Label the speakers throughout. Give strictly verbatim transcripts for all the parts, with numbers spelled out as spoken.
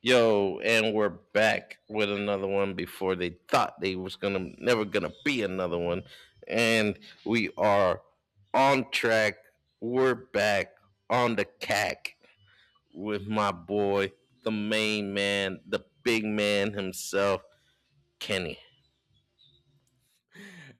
Speaker 1: Yo, and we're back with another one before they thought they was gonna never gonna be another one. And we are on track. We're back on the cack with my boy, the main man, the big man himself, Kenny.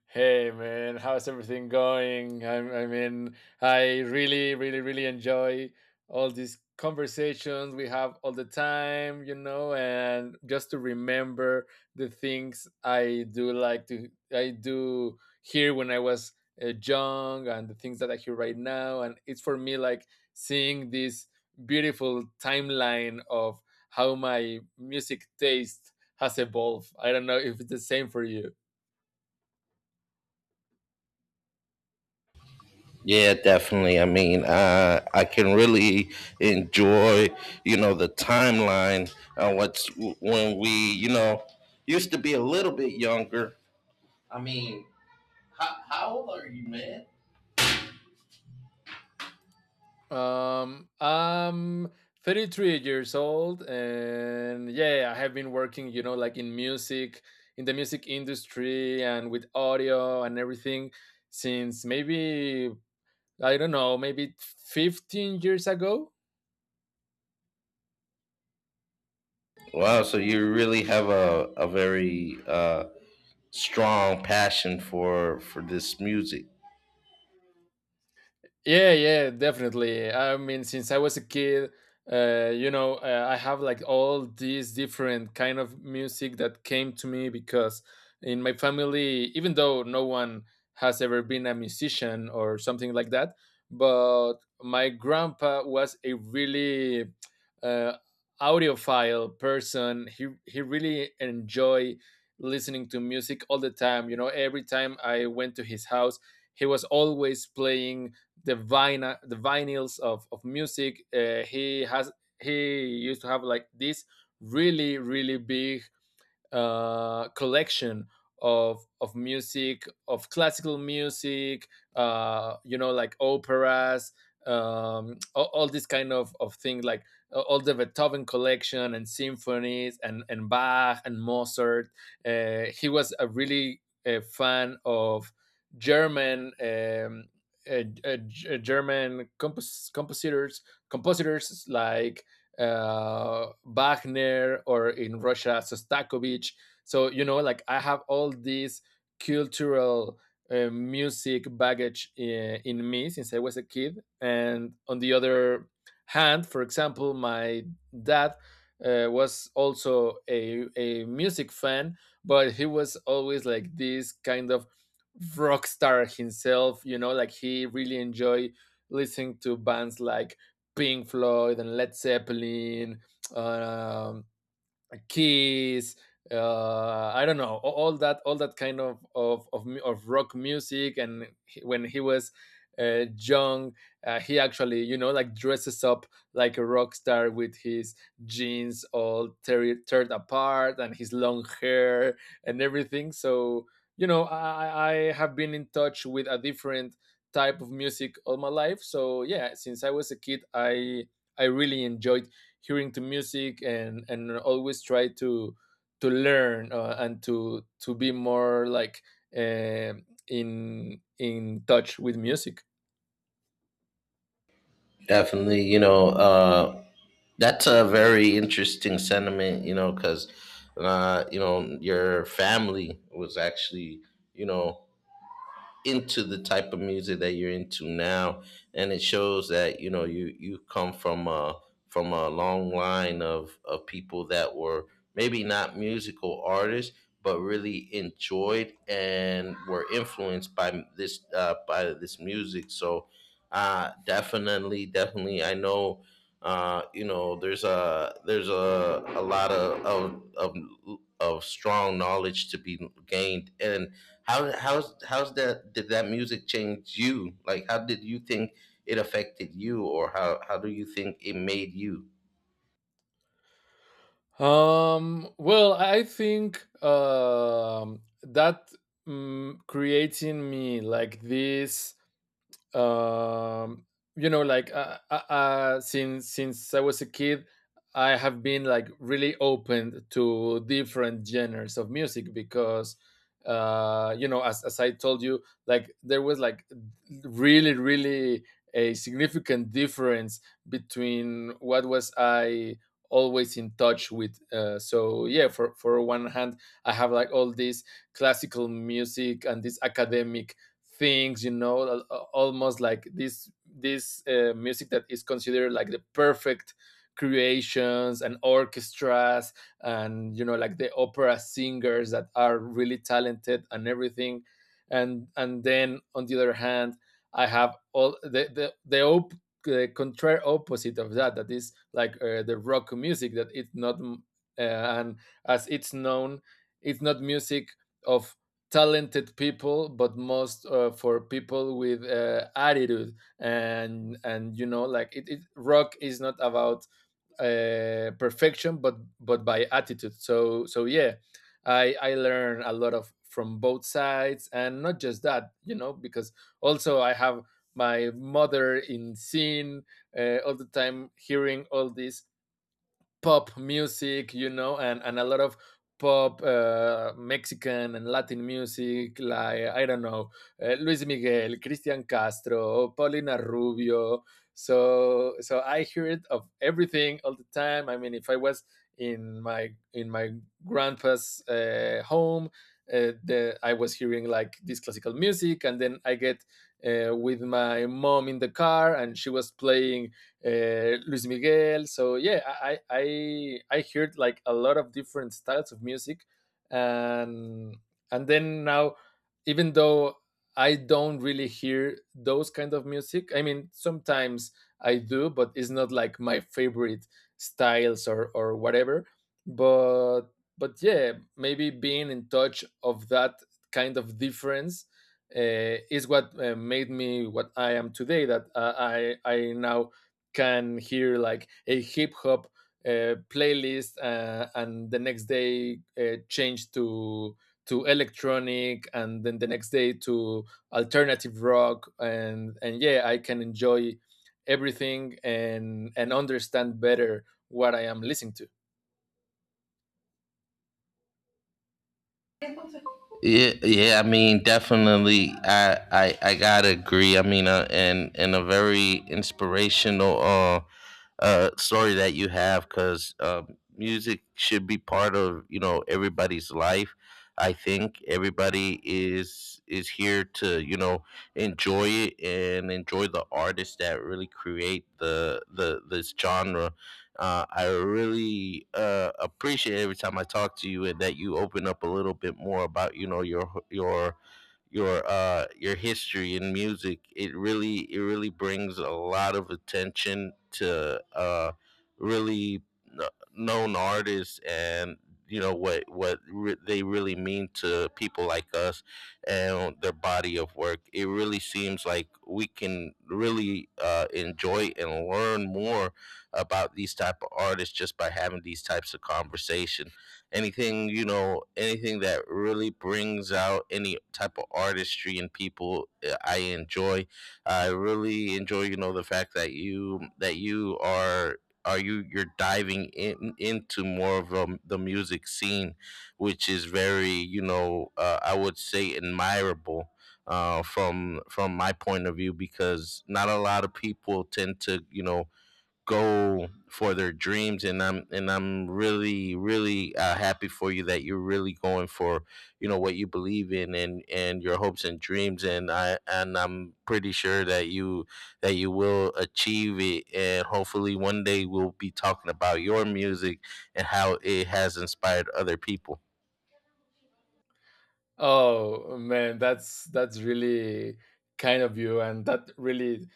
Speaker 2: Hey man, how's everything going? I'm, I mean, I really, really, really enjoy all these conversations we have all the time, you know, and just to remember the things I do like to, I do hear when I was uh, young, and the things that I hear right now. And it's for me like seeing this beautiful timeline of how my music taste has evolved. I don't know if it's the same for you.
Speaker 1: Yeah, definitely. I mean, uh, I can really enjoy, you know, the timeline, uh, what's when we, you know, used to be a little bit younger. I mean, How, how old are you, man?
Speaker 2: Um, I'm thirty-three years old, and yeah, I have been working, you know, like in music, in the music industry, and with audio and everything since maybe, I don't know, maybe fifteen years ago.
Speaker 1: Wow, so you really have a, a very uh, strong passion for for this music.
Speaker 2: Yeah, yeah, definitely. I mean, since I was a kid, uh, you know, uh, I have like all these different kind of music that came to me because in my family, even though no one has ever been a musician or something like that, but my grandpa was a really uh, audiophile person. He he really enjoy listening to music all the time. You know, every time I went to his house, he was always playing the vinyl the vinyls of of music. Uh, he has he used to have like this really really big uh, collection of of music, of classical music, uh, you know, like operas, um, all, all this kind of of thing, like uh, all the Beethoven collection and symphonies and and Bach and Mozart. Uh, he was a really a fan of German. Um, uh, uh, uh, German compos- compositors, compositors like uh, Wagner, or in Russia, Sostakovich. So, you know, like I have all these cultural uh, music baggage in, in me since I was a kid. And on the other hand, for example, my dad uh, was also a, a music fan, but he was always like this kind of rock star himself, you know, like he really enjoyed listening to bands like Pink Floyd and Led Zeppelin, um, uh, Kiss, uh, I don't know, a- all that, all that kind of of of, mu- of rock music. And he- when he was uh, young, uh, he actually, you know, like dresses up like a rock star with his jeans all tear teared apart, and his long hair and everything. So you know, I, I I have been in touch with a different type of music all my life. So yeah, since I was a kid, I I really enjoyed hearing to music and and always try to to learn uh, and to to be more like um in in touch with music.
Speaker 1: Definitely, you know, uh, that's a very interesting sentiment, you know, because uh, you know your family was actually, you know, into the type of music that you're into now, and it shows that you know you you come from a, from a long line of of people that were maybe not musical artists but really enjoyed and were influenced by this uh, by this music so uh definitely definitely I know uh you know there's a there's a a lot of of of, of strong knowledge to be gained. And how how's how's that, did that music change you? Like how did you think it affected you, or how how do you think it made you?
Speaker 2: Um well I think um that mm creates in me like this, um you know, like, uh, uh, uh since since I was a kid, I have been like really open to different genres of music because uh you know, as, as I told you, like there was like really really a significant difference between what was I always in touch with. Uh, so yeah, for for one hand, I have like all this classical music and this academic things, you know, almost like this this uh, music that is considered like the perfect creations and orchestras, and you know like the opera singers that are really talented and everything. and and then on the other hand, I have all the the the op- the contrary opposite of that, that is like uh, the rock music that it's not, mm, uh, and as it's known, it's not music of talented people, but most uh, for people with uh, attitude. and and you know like it, it rock is not about uh, perfection but but by attitude. So so yeah, i i learn a lot of from both sides. And not just that, you know, because also I have my mother in scene uh, all the time hearing all these pop music, you know, and, and a lot of pop uh, Mexican and Latin music, like, I don't know, uh, Luis Miguel, Cristian Castro, Paulina Rubio. So, so I hear it of everything all the time. I mean, if I was in my in my grandpa's uh, home, uh, the, I was hearing like this classical music, and then I get uh, with my mom in the car, and she was playing uh, Luis Miguel. So yeah, I, I I heard like a lot of different styles of music, and and then now, even though I don't really hear those kind of music, I mean sometimes I do, but it's not like my favorite styles or or whatever. But but yeah, maybe being in touch of that kind of difference uh, is what uh, made me what I am today. That uh, I I now can hear like a hip hop uh, playlist, uh, and the next day uh, change to to electronic, and then the next day to alternative rock. and and yeah, I can enjoy everything and and understand better what I am listening to.
Speaker 1: Yeah, yeah. I mean, definitely. I, I, I gotta agree. I mean, uh, and and a very inspirational uh, uh, story that you have, because uh, music should be part of, you know, everybody's life. I think everybody is is here to, you know, enjoy it and enjoy the artists that really create the the this genre. uh, I really uh, appreciate every time I talk to you and that you open up a little bit more about, you know, your your your uh, your history in music. It really, it really brings a lot of attention to, uh, really kn- known artists, and, you know, what what re- they really mean to people like us, and their body of work. It really seems like we can really uh, enjoy and learn more about these type of artists just by having these types of conversation. Anything, you know, anything that really brings out any type of artistry in people, uh, I enjoy. I really enjoy, you know, the fact that you that you are, are you you're diving in into more of um, the music scene, which is very, you know, uh, I would say admirable, uh, from from my point of view, because not a lot of people tend to, you know, go for their dreams. And I'm and I'm really really uh, happy for you that you're really going for, you know, what you believe in, and and your hopes and dreams, and I and I'm pretty sure that you that you will achieve it, and hopefully one day we'll be talking about your music and how it has inspired other people.
Speaker 2: Oh man, that's that's really kind of you, and that really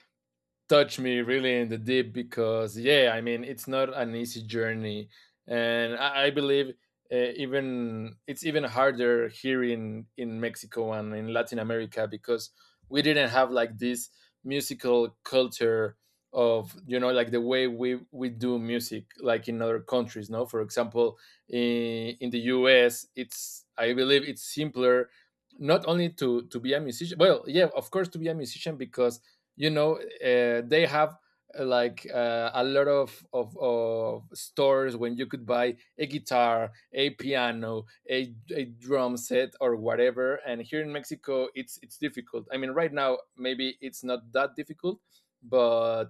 Speaker 2: touched me really in the deep, because yeah, I mean, it's not an easy journey. And i, I believe uh, even it's even harder here in in Mexico and in Latin America because we didn't have like this musical culture of, you know, like the way we we do music like in other countries, no, for example. In, in the U S, it's, I believe it's simpler, not only to to be a musician, well yeah, of course, to be a musician, because you know, uh, they have uh, like uh, a lot of, of of stores when you could buy a guitar, a piano, a, a drum set or whatever. And here in Mexico, it's it's difficult. I mean, right now maybe it's not that difficult, but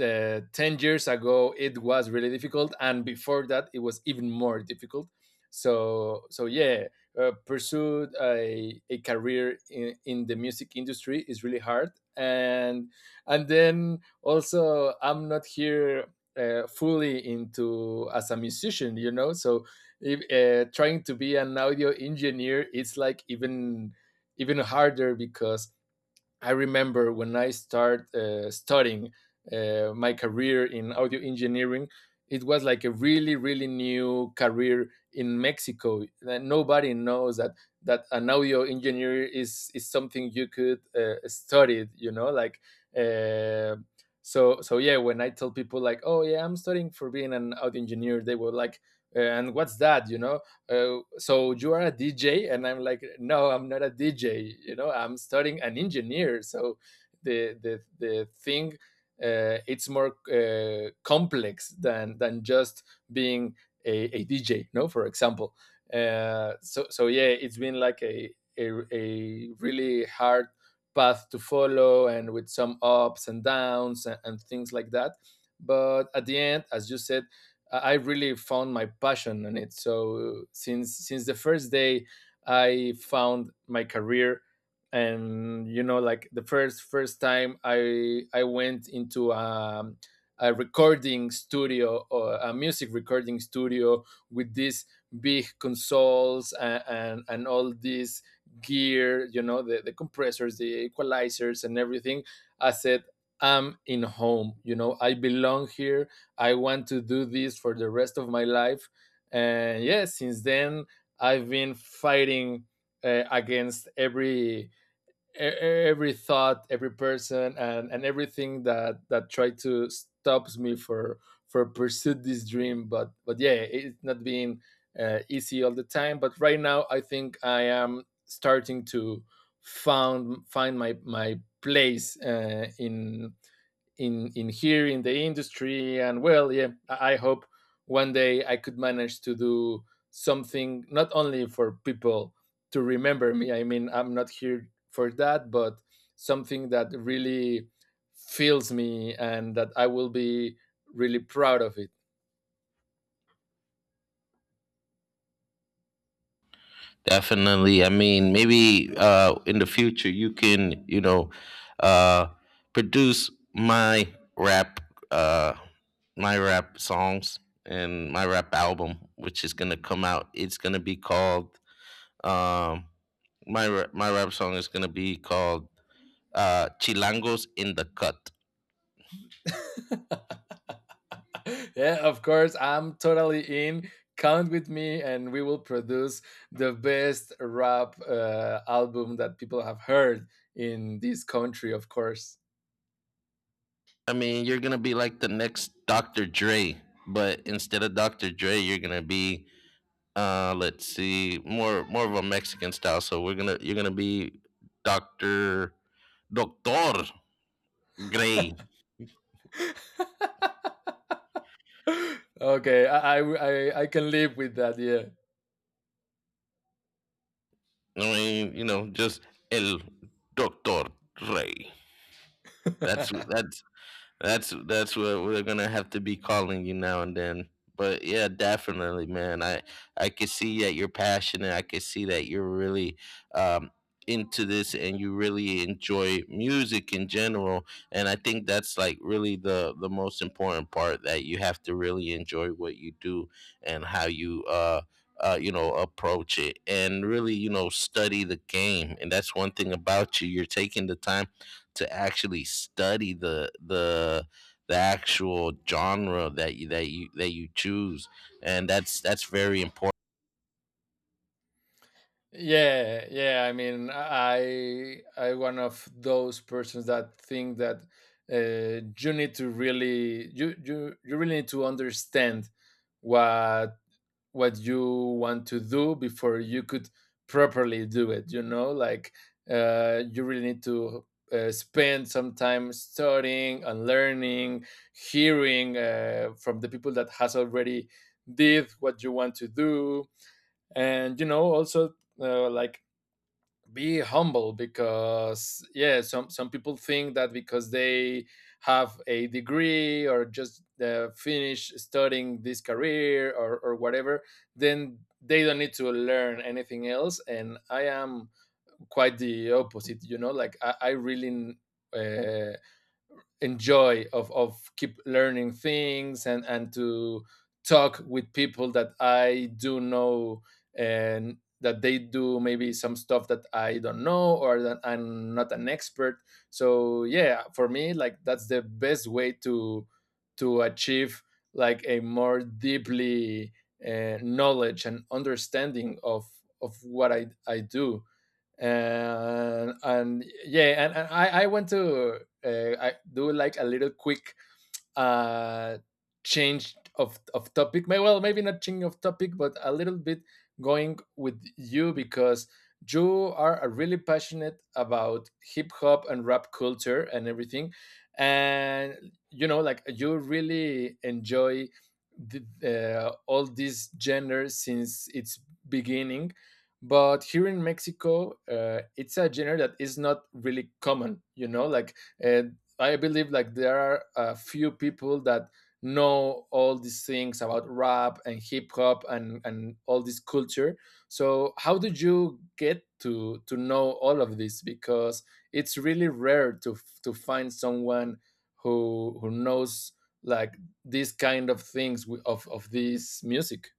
Speaker 2: uh, ten years ago it was really difficult, and before that it was even more difficult. So so yeah, uh, pursued a, a career in, in the music industry is really hard. and and then also I'm not here uh, fully into as a musician, you know. So if, uh, trying to be an audio engineer, it's like even even harder, because I remember when I started uh, studying uh, my career in audio engineering, it was like a really, really new career in Mexico. That nobody knows that that an audio engineer is is something you could uh, study. You know, like. Uh, so, so yeah, when I tell people like, "Oh yeah, I'm studying for being an audio engineer," they were like, "Uh, and what's that?" You know, uh, so you are a D J? And I'm like, no, I'm not a D J, you know, I'm studying an engineer. So the the, the thing, uh, it's more uh, complex than than just being a, D J, no, for example. Uh, so so yeah, it's been like a, a a really hard path to follow, and with some ups and downs, and, and things like that. But at the end, as you said, I really found my passion in it. So since since the first day I found my career, and you know like the first first time I I went into um, a recording studio, or a music recording studio, with these big consoles and, and, and all this gear, you know, the, the compressors, the equalizers, and everything. I said, I'm in home, you know, I belong here. I want to do this for the rest of my life. And yeah, since then, I've been fighting uh, against every e- e-, every thought, every person, and, and everything that that tried to stops me for for pursue this dream. But but yeah, it's not been uh, easy all the time. But right now, I think I am starting to found find my my place, uh, in in in here in the industry. And well, yeah, I hope one day I could manage to do something, not only for people to remember me. I mean, I'm not here for that, but something that really fills me and that I will be really proud of it.
Speaker 1: Definitely. I mean, maybe uh, in the future you can, you know, uh, produce my rap, uh, my rap songs and my rap album, which is gonna come out. It's gonna be called, um, my ra- my rap song is gonna be called uh, Chilangos in the Cut.
Speaker 2: Yeah, of course, I'm totally in. Count with me and we will produce the best rap uh, album that people have heard in this country, of course.
Speaker 1: I mean, you're gonna be like the next Doctor Dre, but instead of Doctor Dre, you're gonna be, Uh, let's see, more more of a Mexican style. So we're gonna you're gonna be Doctor, Doctor Gray.
Speaker 2: Okay, I, I i I can live with that, yeah.
Speaker 1: I mean, you know, just El Doctor Ray. That's that's That's that's what we're gonna have to be calling you now and then. But yeah, definitely, man. I I could see that you're passionate. I could see that you're really um, into this, and you really enjoy music in general. And I think that's like really the the most important part, that you have to really enjoy what you do and how you, uh, uh you know, approach it, and really, you know, study the game. And that's one thing about you. You're taking the time to actually study the the the actual genre that you that you that you choose, and that's that's very important.
Speaker 2: Yeah, yeah, I mean, i i one of those persons that think that uh, you need to really, you, you you really need to understand what what you want to do before you could properly do it, you know. Like uh, you really need to uh, spend some time studying and learning, hearing uh, from the people that has already did what you want to do, and you know, also uh, like be humble. Because yeah, some some people think that because they have a degree or just uh, finish studying this career, or, or whatever, then they don't need to learn anything else. And I am quite the opposite, you know, like i, I really uh, enjoy of of keep learning things, and and to talk with people that I do know and that they do maybe some stuff that I don't know or that I'm not an expert. So yeah, for me, like that's the best way to to achieve like a more deeply uh, knowledge and understanding of of what I I do. And and yeah, and, and I, I went to, uh, I do like a little quick, uh, change of, of topic. May- Well, maybe not change of topic, but a little bit going with you, because you are uh, really passionate about hip hop and rap culture and everything. And, you know, like you really enjoy the, uh, all these genres since its beginning. But here in Mexico, uh, it's a genre that is not really common, you know, like, uh, I believe like there are a few people that know all these things about rap and hip hop and and all this culture. So how did you get to to know all of this? Because it's really rare to f- to find someone who who knows, like, these kind of things, wi- of of this music.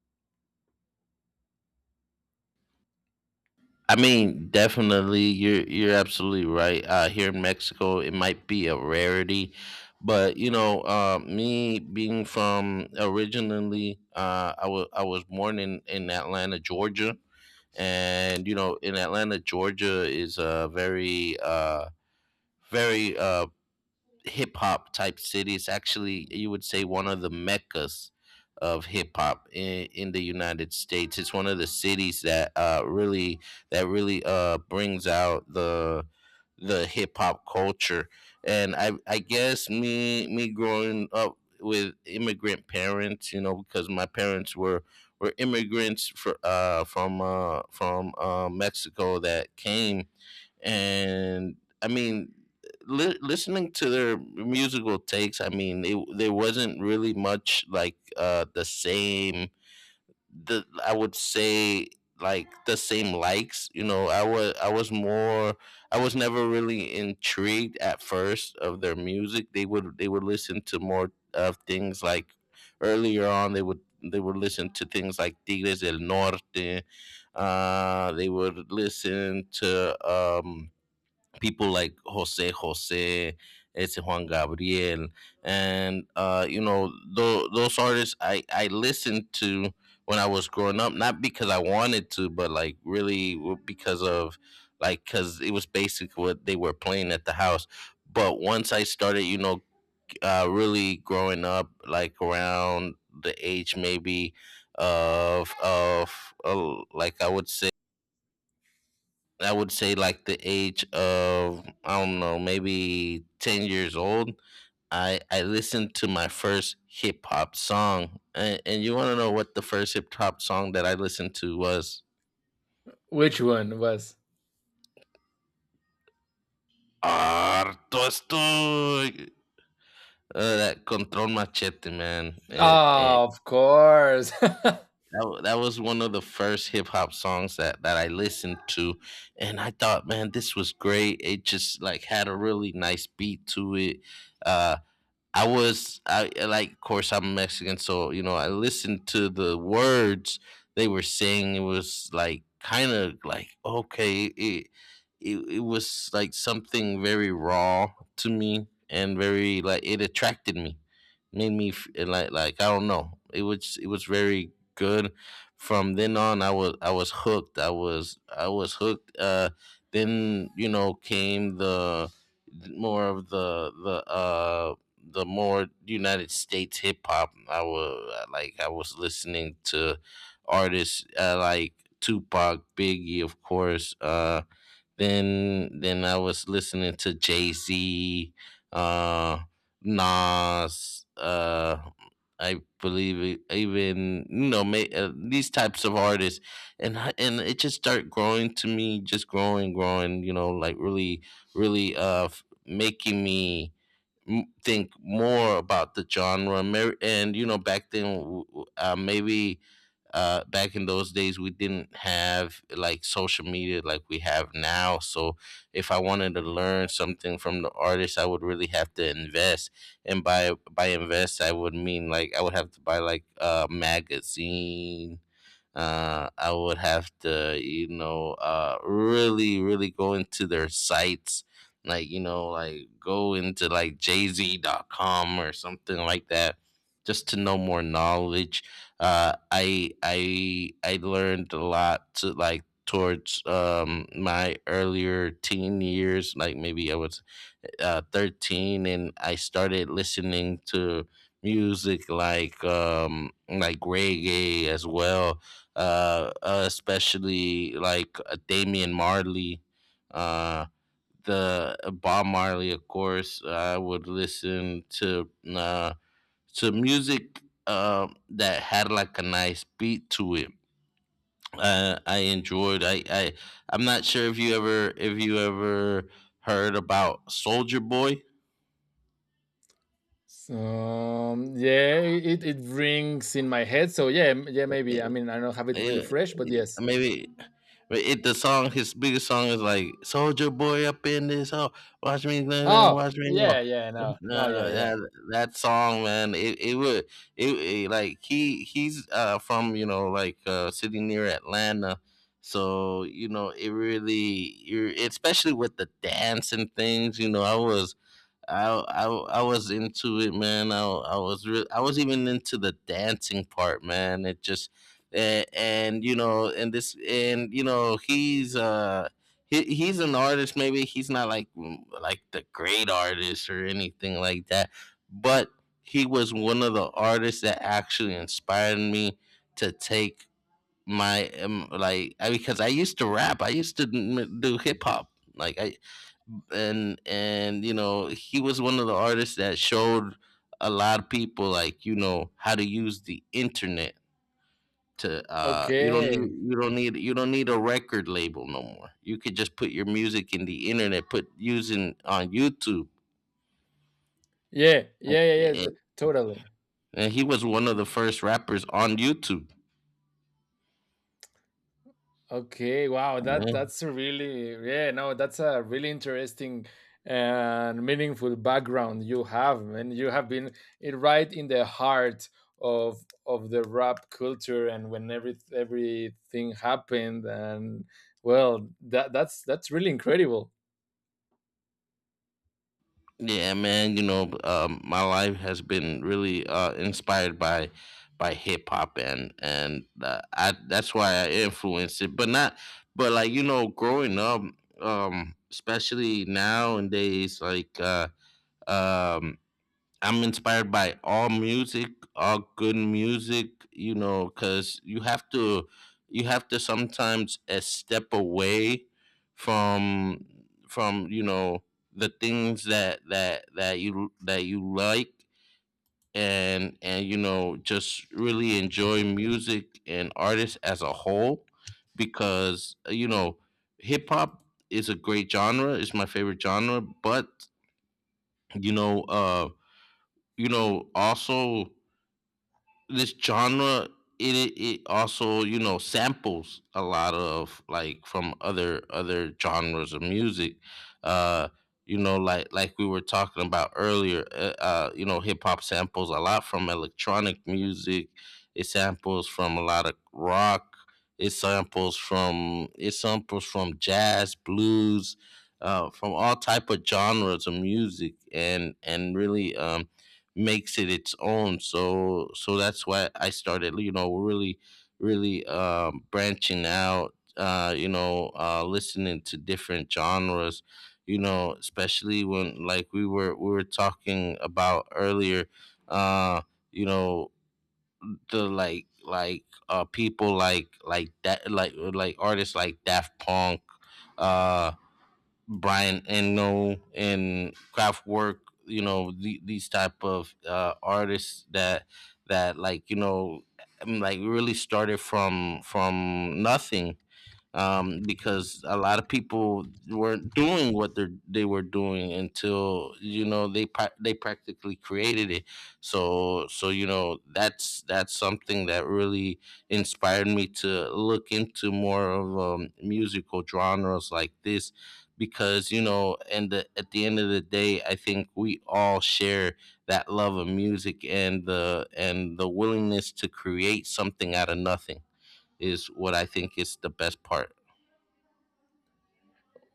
Speaker 1: I mean, definitely, you're you're absolutely right. Uh, here in Mexico it might be a rarity, but you know, uh me being from originally, uh i was I was born in, in Atlanta, Georgia. And, you know, in Atlanta, Georgia is a very uh very uh, hip hop type city. It's actually, you would say, one of the meccas of hip hop in, in the United States. It's one of the cities that uh, really that really uh, brings out the the hip hop culture. And I I guess me me growing up with immigrant parents, you know, because my parents were were immigrants for, uh, from uh, from uh, Mexico that came. And I mean, li- listening to their musical takes, I mean, it, there wasn't really much like, uh, the same. The, I would say, like the same likes. You know, I was I was more. I was never really intrigued at first of their music. They would they would listen to more of things like, earlier on. They would they would listen to things like Tigres del Norte. Uh, they would listen to. Um, people like Jose Jose, ese Juan Gabriel, and uh, you know, tho- those artists I I listened to when I was growing up, not because I wanted to, but like really w- because of, like, because it was basically what they were playing at the house. But once I started, you know, uh, really growing up, like around the age maybe of of uh, like I would say I would say like the age of, I don't know, maybe ten years old. I I listened to my first hip hop song. And, and you want to know what the first hip hop song that I listened to was?
Speaker 2: Which one was?
Speaker 1: Harto estoy. Uh, that Control Machete, man. It,
Speaker 2: Ah,
Speaker 1: it-
Speaker 2: of course.
Speaker 1: that, wa- that was one of the first hip hop songs that, that I listened to. And I thought, man, this was great. It just like had a really nice beat to it. Uh, I was, I I like, of course, I'm Mexican, so, you know, I listened to the words they were saying. It was like kind of like okay, it, it it was like something very raw to me, and very like it attracted me. Made me f- like, like I don't know. It was it was very good. From then on, I was I was hooked. I was I was hooked. Uh, then, you know, came the more of the, the uh the more United States hip hop. I was like I was listening to artists uh, like Tupac, Biggie, of course. Uh, then then I was listening to Jay Z, uh, Nas. Uh, I believe, it- even you know, ma- uh, these types of artists. And, I- and it just started growing to me, just growing, growing. You know, like really, really, uh, f- making me m- think more about the genre. Mar- and you know, back then, w- w- uh, maybe uh, back in those days, we didn't have like social media like we have now. So if I wanted to learn something from the artist, I would really have to invest. And by, by invest, I would mean like I would have to buy like a magazine, uh, I would have to, you know, uh, really, really go into their sites, like, you know, like go into like Jay Z dot com or something like that, just to know more knowledge. Uh, I, I, I learned a lot to, like, towards um, my earlier teen years, like maybe I would, uh, thirteen, and I started listening to music like, um like reggae as well, uh, uh especially like, uh, Damian Marley. Uh, the, uh, Bob Marley, of course, I would listen to, uh to music uh, that had like a nice beat to it. uh, I enjoyed. I I I'm not sure if you ever, if you ever heard about Soldier Boy.
Speaker 2: So um, yeah, it it rings in my head. So yeah, m- yeah, maybe. I mean, I don't have it really
Speaker 1: It,
Speaker 2: fresh, but yes.
Speaker 1: maybe, but it the song, his biggest song is like, Soldier Boy up in this, oh, watch me go, go,
Speaker 2: Oh
Speaker 1: watch me
Speaker 2: yeah,
Speaker 1: go.
Speaker 2: yeah, no,
Speaker 1: uh,
Speaker 2: no, yeah, yeah.
Speaker 1: yeah, that song, man, it, it would it, it like, he he's uh from, you know, like uh city near Atlanta. So, you know, it really, you, especially with the dance and things, you know, i was I I I was into it, man. I I was, re- I was even into the dancing part, man. It just. And, and you know, and this and you know, he's uh he, he's an artist. Maybe he's not like, mm, like the great artist or anything like that, but he was one of the artists that actually inspired me to take my, um, like I, because I used to rap. I used to m- do hip hop. Like I and and you know he was one of the artists that showed a lot of people like you know how to use the internet to uh you don't need
Speaker 2: Okay.
Speaker 1: you don't need you don't need a record label no more. You could just put your music in the internet, put using on YouTube.
Speaker 2: Yeah, yeah, yeah, yeah.
Speaker 1: and,
Speaker 2: T- totally.
Speaker 1: and he was one of the first rappers on YouTube.
Speaker 2: Okay, wow, that that's a really yeah, no, that's a really interesting and meaningful background you have, man. You have been it right in the heart of of the rap culture and when every everything happened. And well, that that's that's really incredible.
Speaker 1: Yeah, man. You know, um, my life has been really uh, inspired by by hip hop, and and uh, I that's why I influenced it, but not, but like you know, growing up, um, especially nowadays, like uh, um, I'm inspired by all music, all good music, you know, because you have to, you have to sometimes a step away from, from, you know, the things that that that you that you like. And and you know just really enjoy music and artists as a whole because eh, you know, hip hop is a great genre, it's my favorite genre, but you know, uh, you know, also this genre, it it also, you know, samples a lot of, like, from other other genres of music. uh you know like like we were talking about earlier. Uh, uh you know, hip hop samples a lot from electronic music. It samples from a lot of rock. It samples from it samples from jazz, blues, uh from all type of genres of music, and and really um makes it its own. So so that's why I started, you know, really really um, branching out. Uh, you know, uh, listening to different genres. You know, especially when, like we were we were talking about earlier. Uh, you know the like like uh people like like that like like artists like Daft Punk, uh, Brian Eno, and Kraftwerk. You know, the, these type of uh, artists that that like you know, I'm, like really started from from nothing, um, because a lot of people weren't doing what they they were doing until, you know, they pra- they practically created it. So so you know that's that's something that really inspired me to look into more of, um, musical genres like this, because you know, and the, at the end of the day, I think we all share that love of music, and the and the willingness to create something out of nothing is what I think is the best part.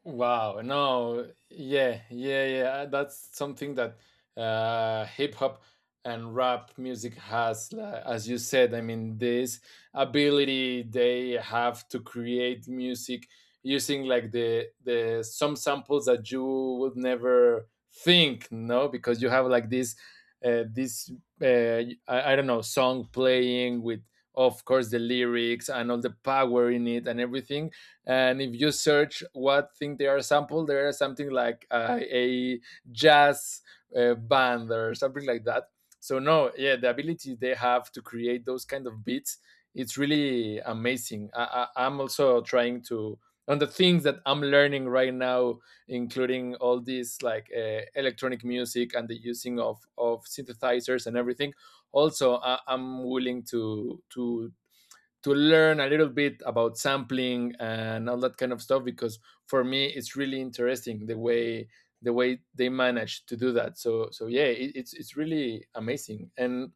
Speaker 2: Wow, no, yeah, yeah, yeah. uh, That's something that uh, hip hop and rap music has, like, as you said. I mean, this ability they have to create music using, like, the the some samples that you would never think, no, because you have like this, uh, this uh, I, I don't know, song playing with, of course, the lyrics and all the power in it and everything. And if you search what thing they are sampled, there is something like, uh, a jazz, uh, band or something like that. So no, yeah, the ability they have to create those kind of beats, it's really amazing. I, I, I'm also trying to, on the things that I'm learning right now, including all this like, uh, electronic music and the using of of synthesizers and everything. Also, I, I'm willing to to to learn a little bit about sampling and all that kind of stuff, because for me it's really interesting the way the way they manage to do that. So so yeah, it, it's it's really amazing. And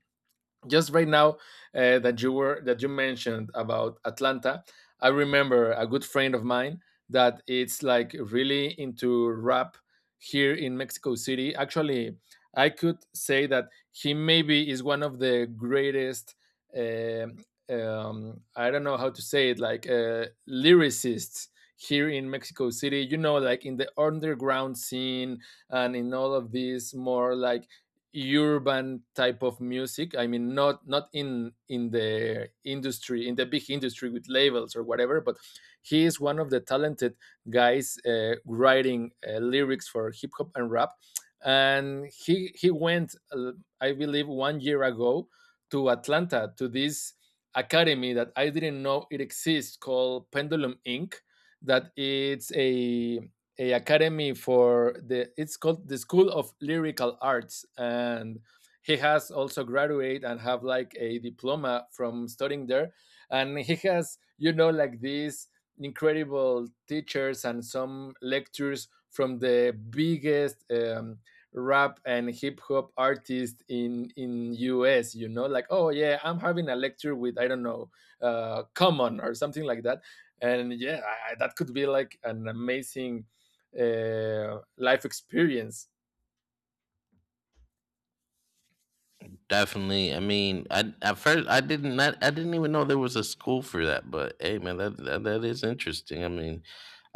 Speaker 2: just right now, uh, that you were that you mentioned about Atlanta, I remember a good friend of mine that it's like really into rap here in Mexico City. Actually, I could say that he maybe is one of the greatest. Um, um, I don't know how to say it, like, uh, lyricists here in Mexico City. You know, like in the underground scene and in all of these more like urban type of music. I mean, not not in in the industry, in the big industry with labels or whatever, but he is one of the talented guys, uh, writing, uh, lyrics for hip hop and rap. And he he went, uh, I believe one year ago, to Atlanta, to this academy that I didn't know it exists, called Pendulum Inc, that it's a a academy for the... it's called the School of Lyrical Arts. And he has also graduate and have like a diploma from studying there, and he has, you know, like these incredible teachers and some lectures from the biggest. Um, rap and hip hop artist in in U S, you know, like, oh yeah, I'm having a lecture with, I don't know, uh common or something like that. And yeah, I, I- that could be like an amazing, uh, life experience.
Speaker 1: Definitely. I mean, I at first I didn't not, I didn't even know there was a school for that, but hey man, that that, that is interesting. I mean,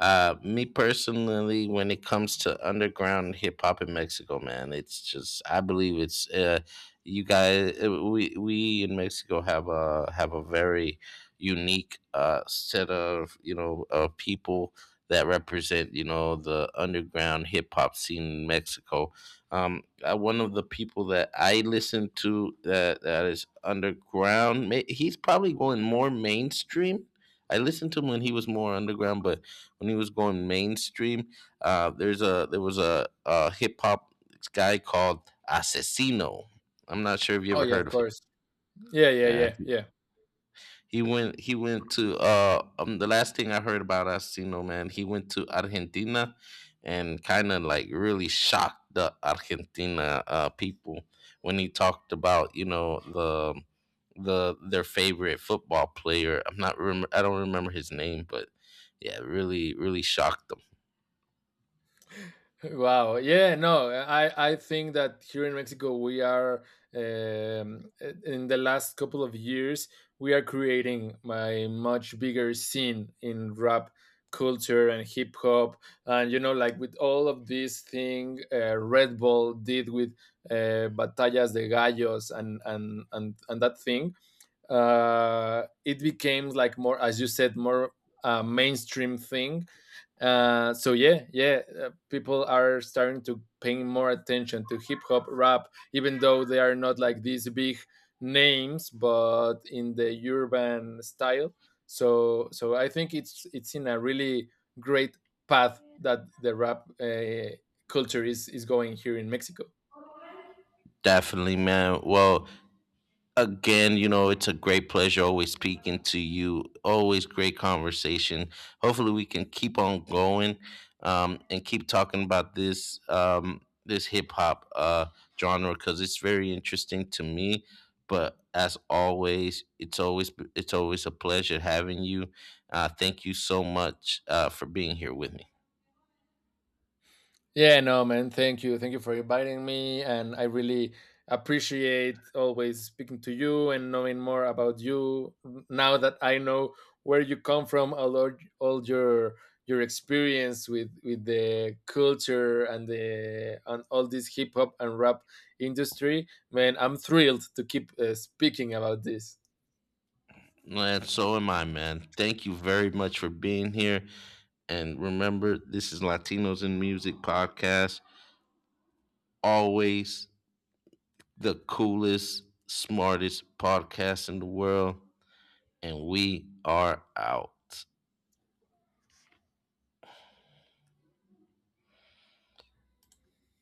Speaker 1: uh me personally, when it comes to underground hip hop in Mexico, man, it's just I believe it's uh you guys uh, we we in Mexico have a have a very unique uh set of, you know, uh people that represent, you know, the underground hip hop scene in Mexico. Um, uh, one of the people that I listen to that that is underground, ma- he's probably going more mainstream. I listened to him when he was more underground, but when he was going mainstream, uh, there's a there was a, a hip hop guy called Asesino. I'm not sure if you
Speaker 2: Oh
Speaker 1: ever
Speaker 2: yeah,
Speaker 1: heard
Speaker 2: of
Speaker 1: of him.
Speaker 2: course. Yeah, yeah,
Speaker 1: Yeah,
Speaker 2: yeah, yeah.
Speaker 1: he went. He went to. Uh, um, the last thing I heard about Asino, man, he went to Argentina and kind of like really shocked the Argentina uh, people when he talked about, you know, the the their favorite football player. I'm not. Rem- I don't remember his name, but yeah, really, really shocked them.
Speaker 2: Wow. Yeah, no, I I think that here in Mexico we are, um, in the last couple of years, we are creating a much bigger scene in rap culture and hip hop. And you know, like with all of this thing, uh, Red Bull did with, uh, Batallas de Gallos, and and and and that thing, uh, it became like more, as you said, more, uh, mainstream thing. Uh, so yeah, yeah, uh, people are starting to paying more attention to hip hop, rap, even though they are not like these big names, but in the urban style. So so I think it's it's in a really great path that the rap, uh, culture is is going here in Mexico.
Speaker 1: Definitely, man. Well, again, you know, it's a great pleasure always speaking to you. Always great conversation. Hopefully, we can keep on going, um, and keep talking about this, um, this hip hop uh, genre, because it's very interesting to me. But as always, it's always it's always a pleasure having you. Uh, thank you so much uh, for being here with me.
Speaker 2: Yeah, no, man. Thank you. Thank you for inviting me. And I really appreciate always speaking to you and knowing more about you, now that I know where you come from, all, or- all your your experience with with the culture and the and all this hip hop and rap industry, man. I'm thrilled to keep, uh, speaking about this.
Speaker 1: And so am I, man. Thank you very much for being here. And remember, this is Latinos in Music podcast. Always the coolest, smartest podcast in the world. And we are out.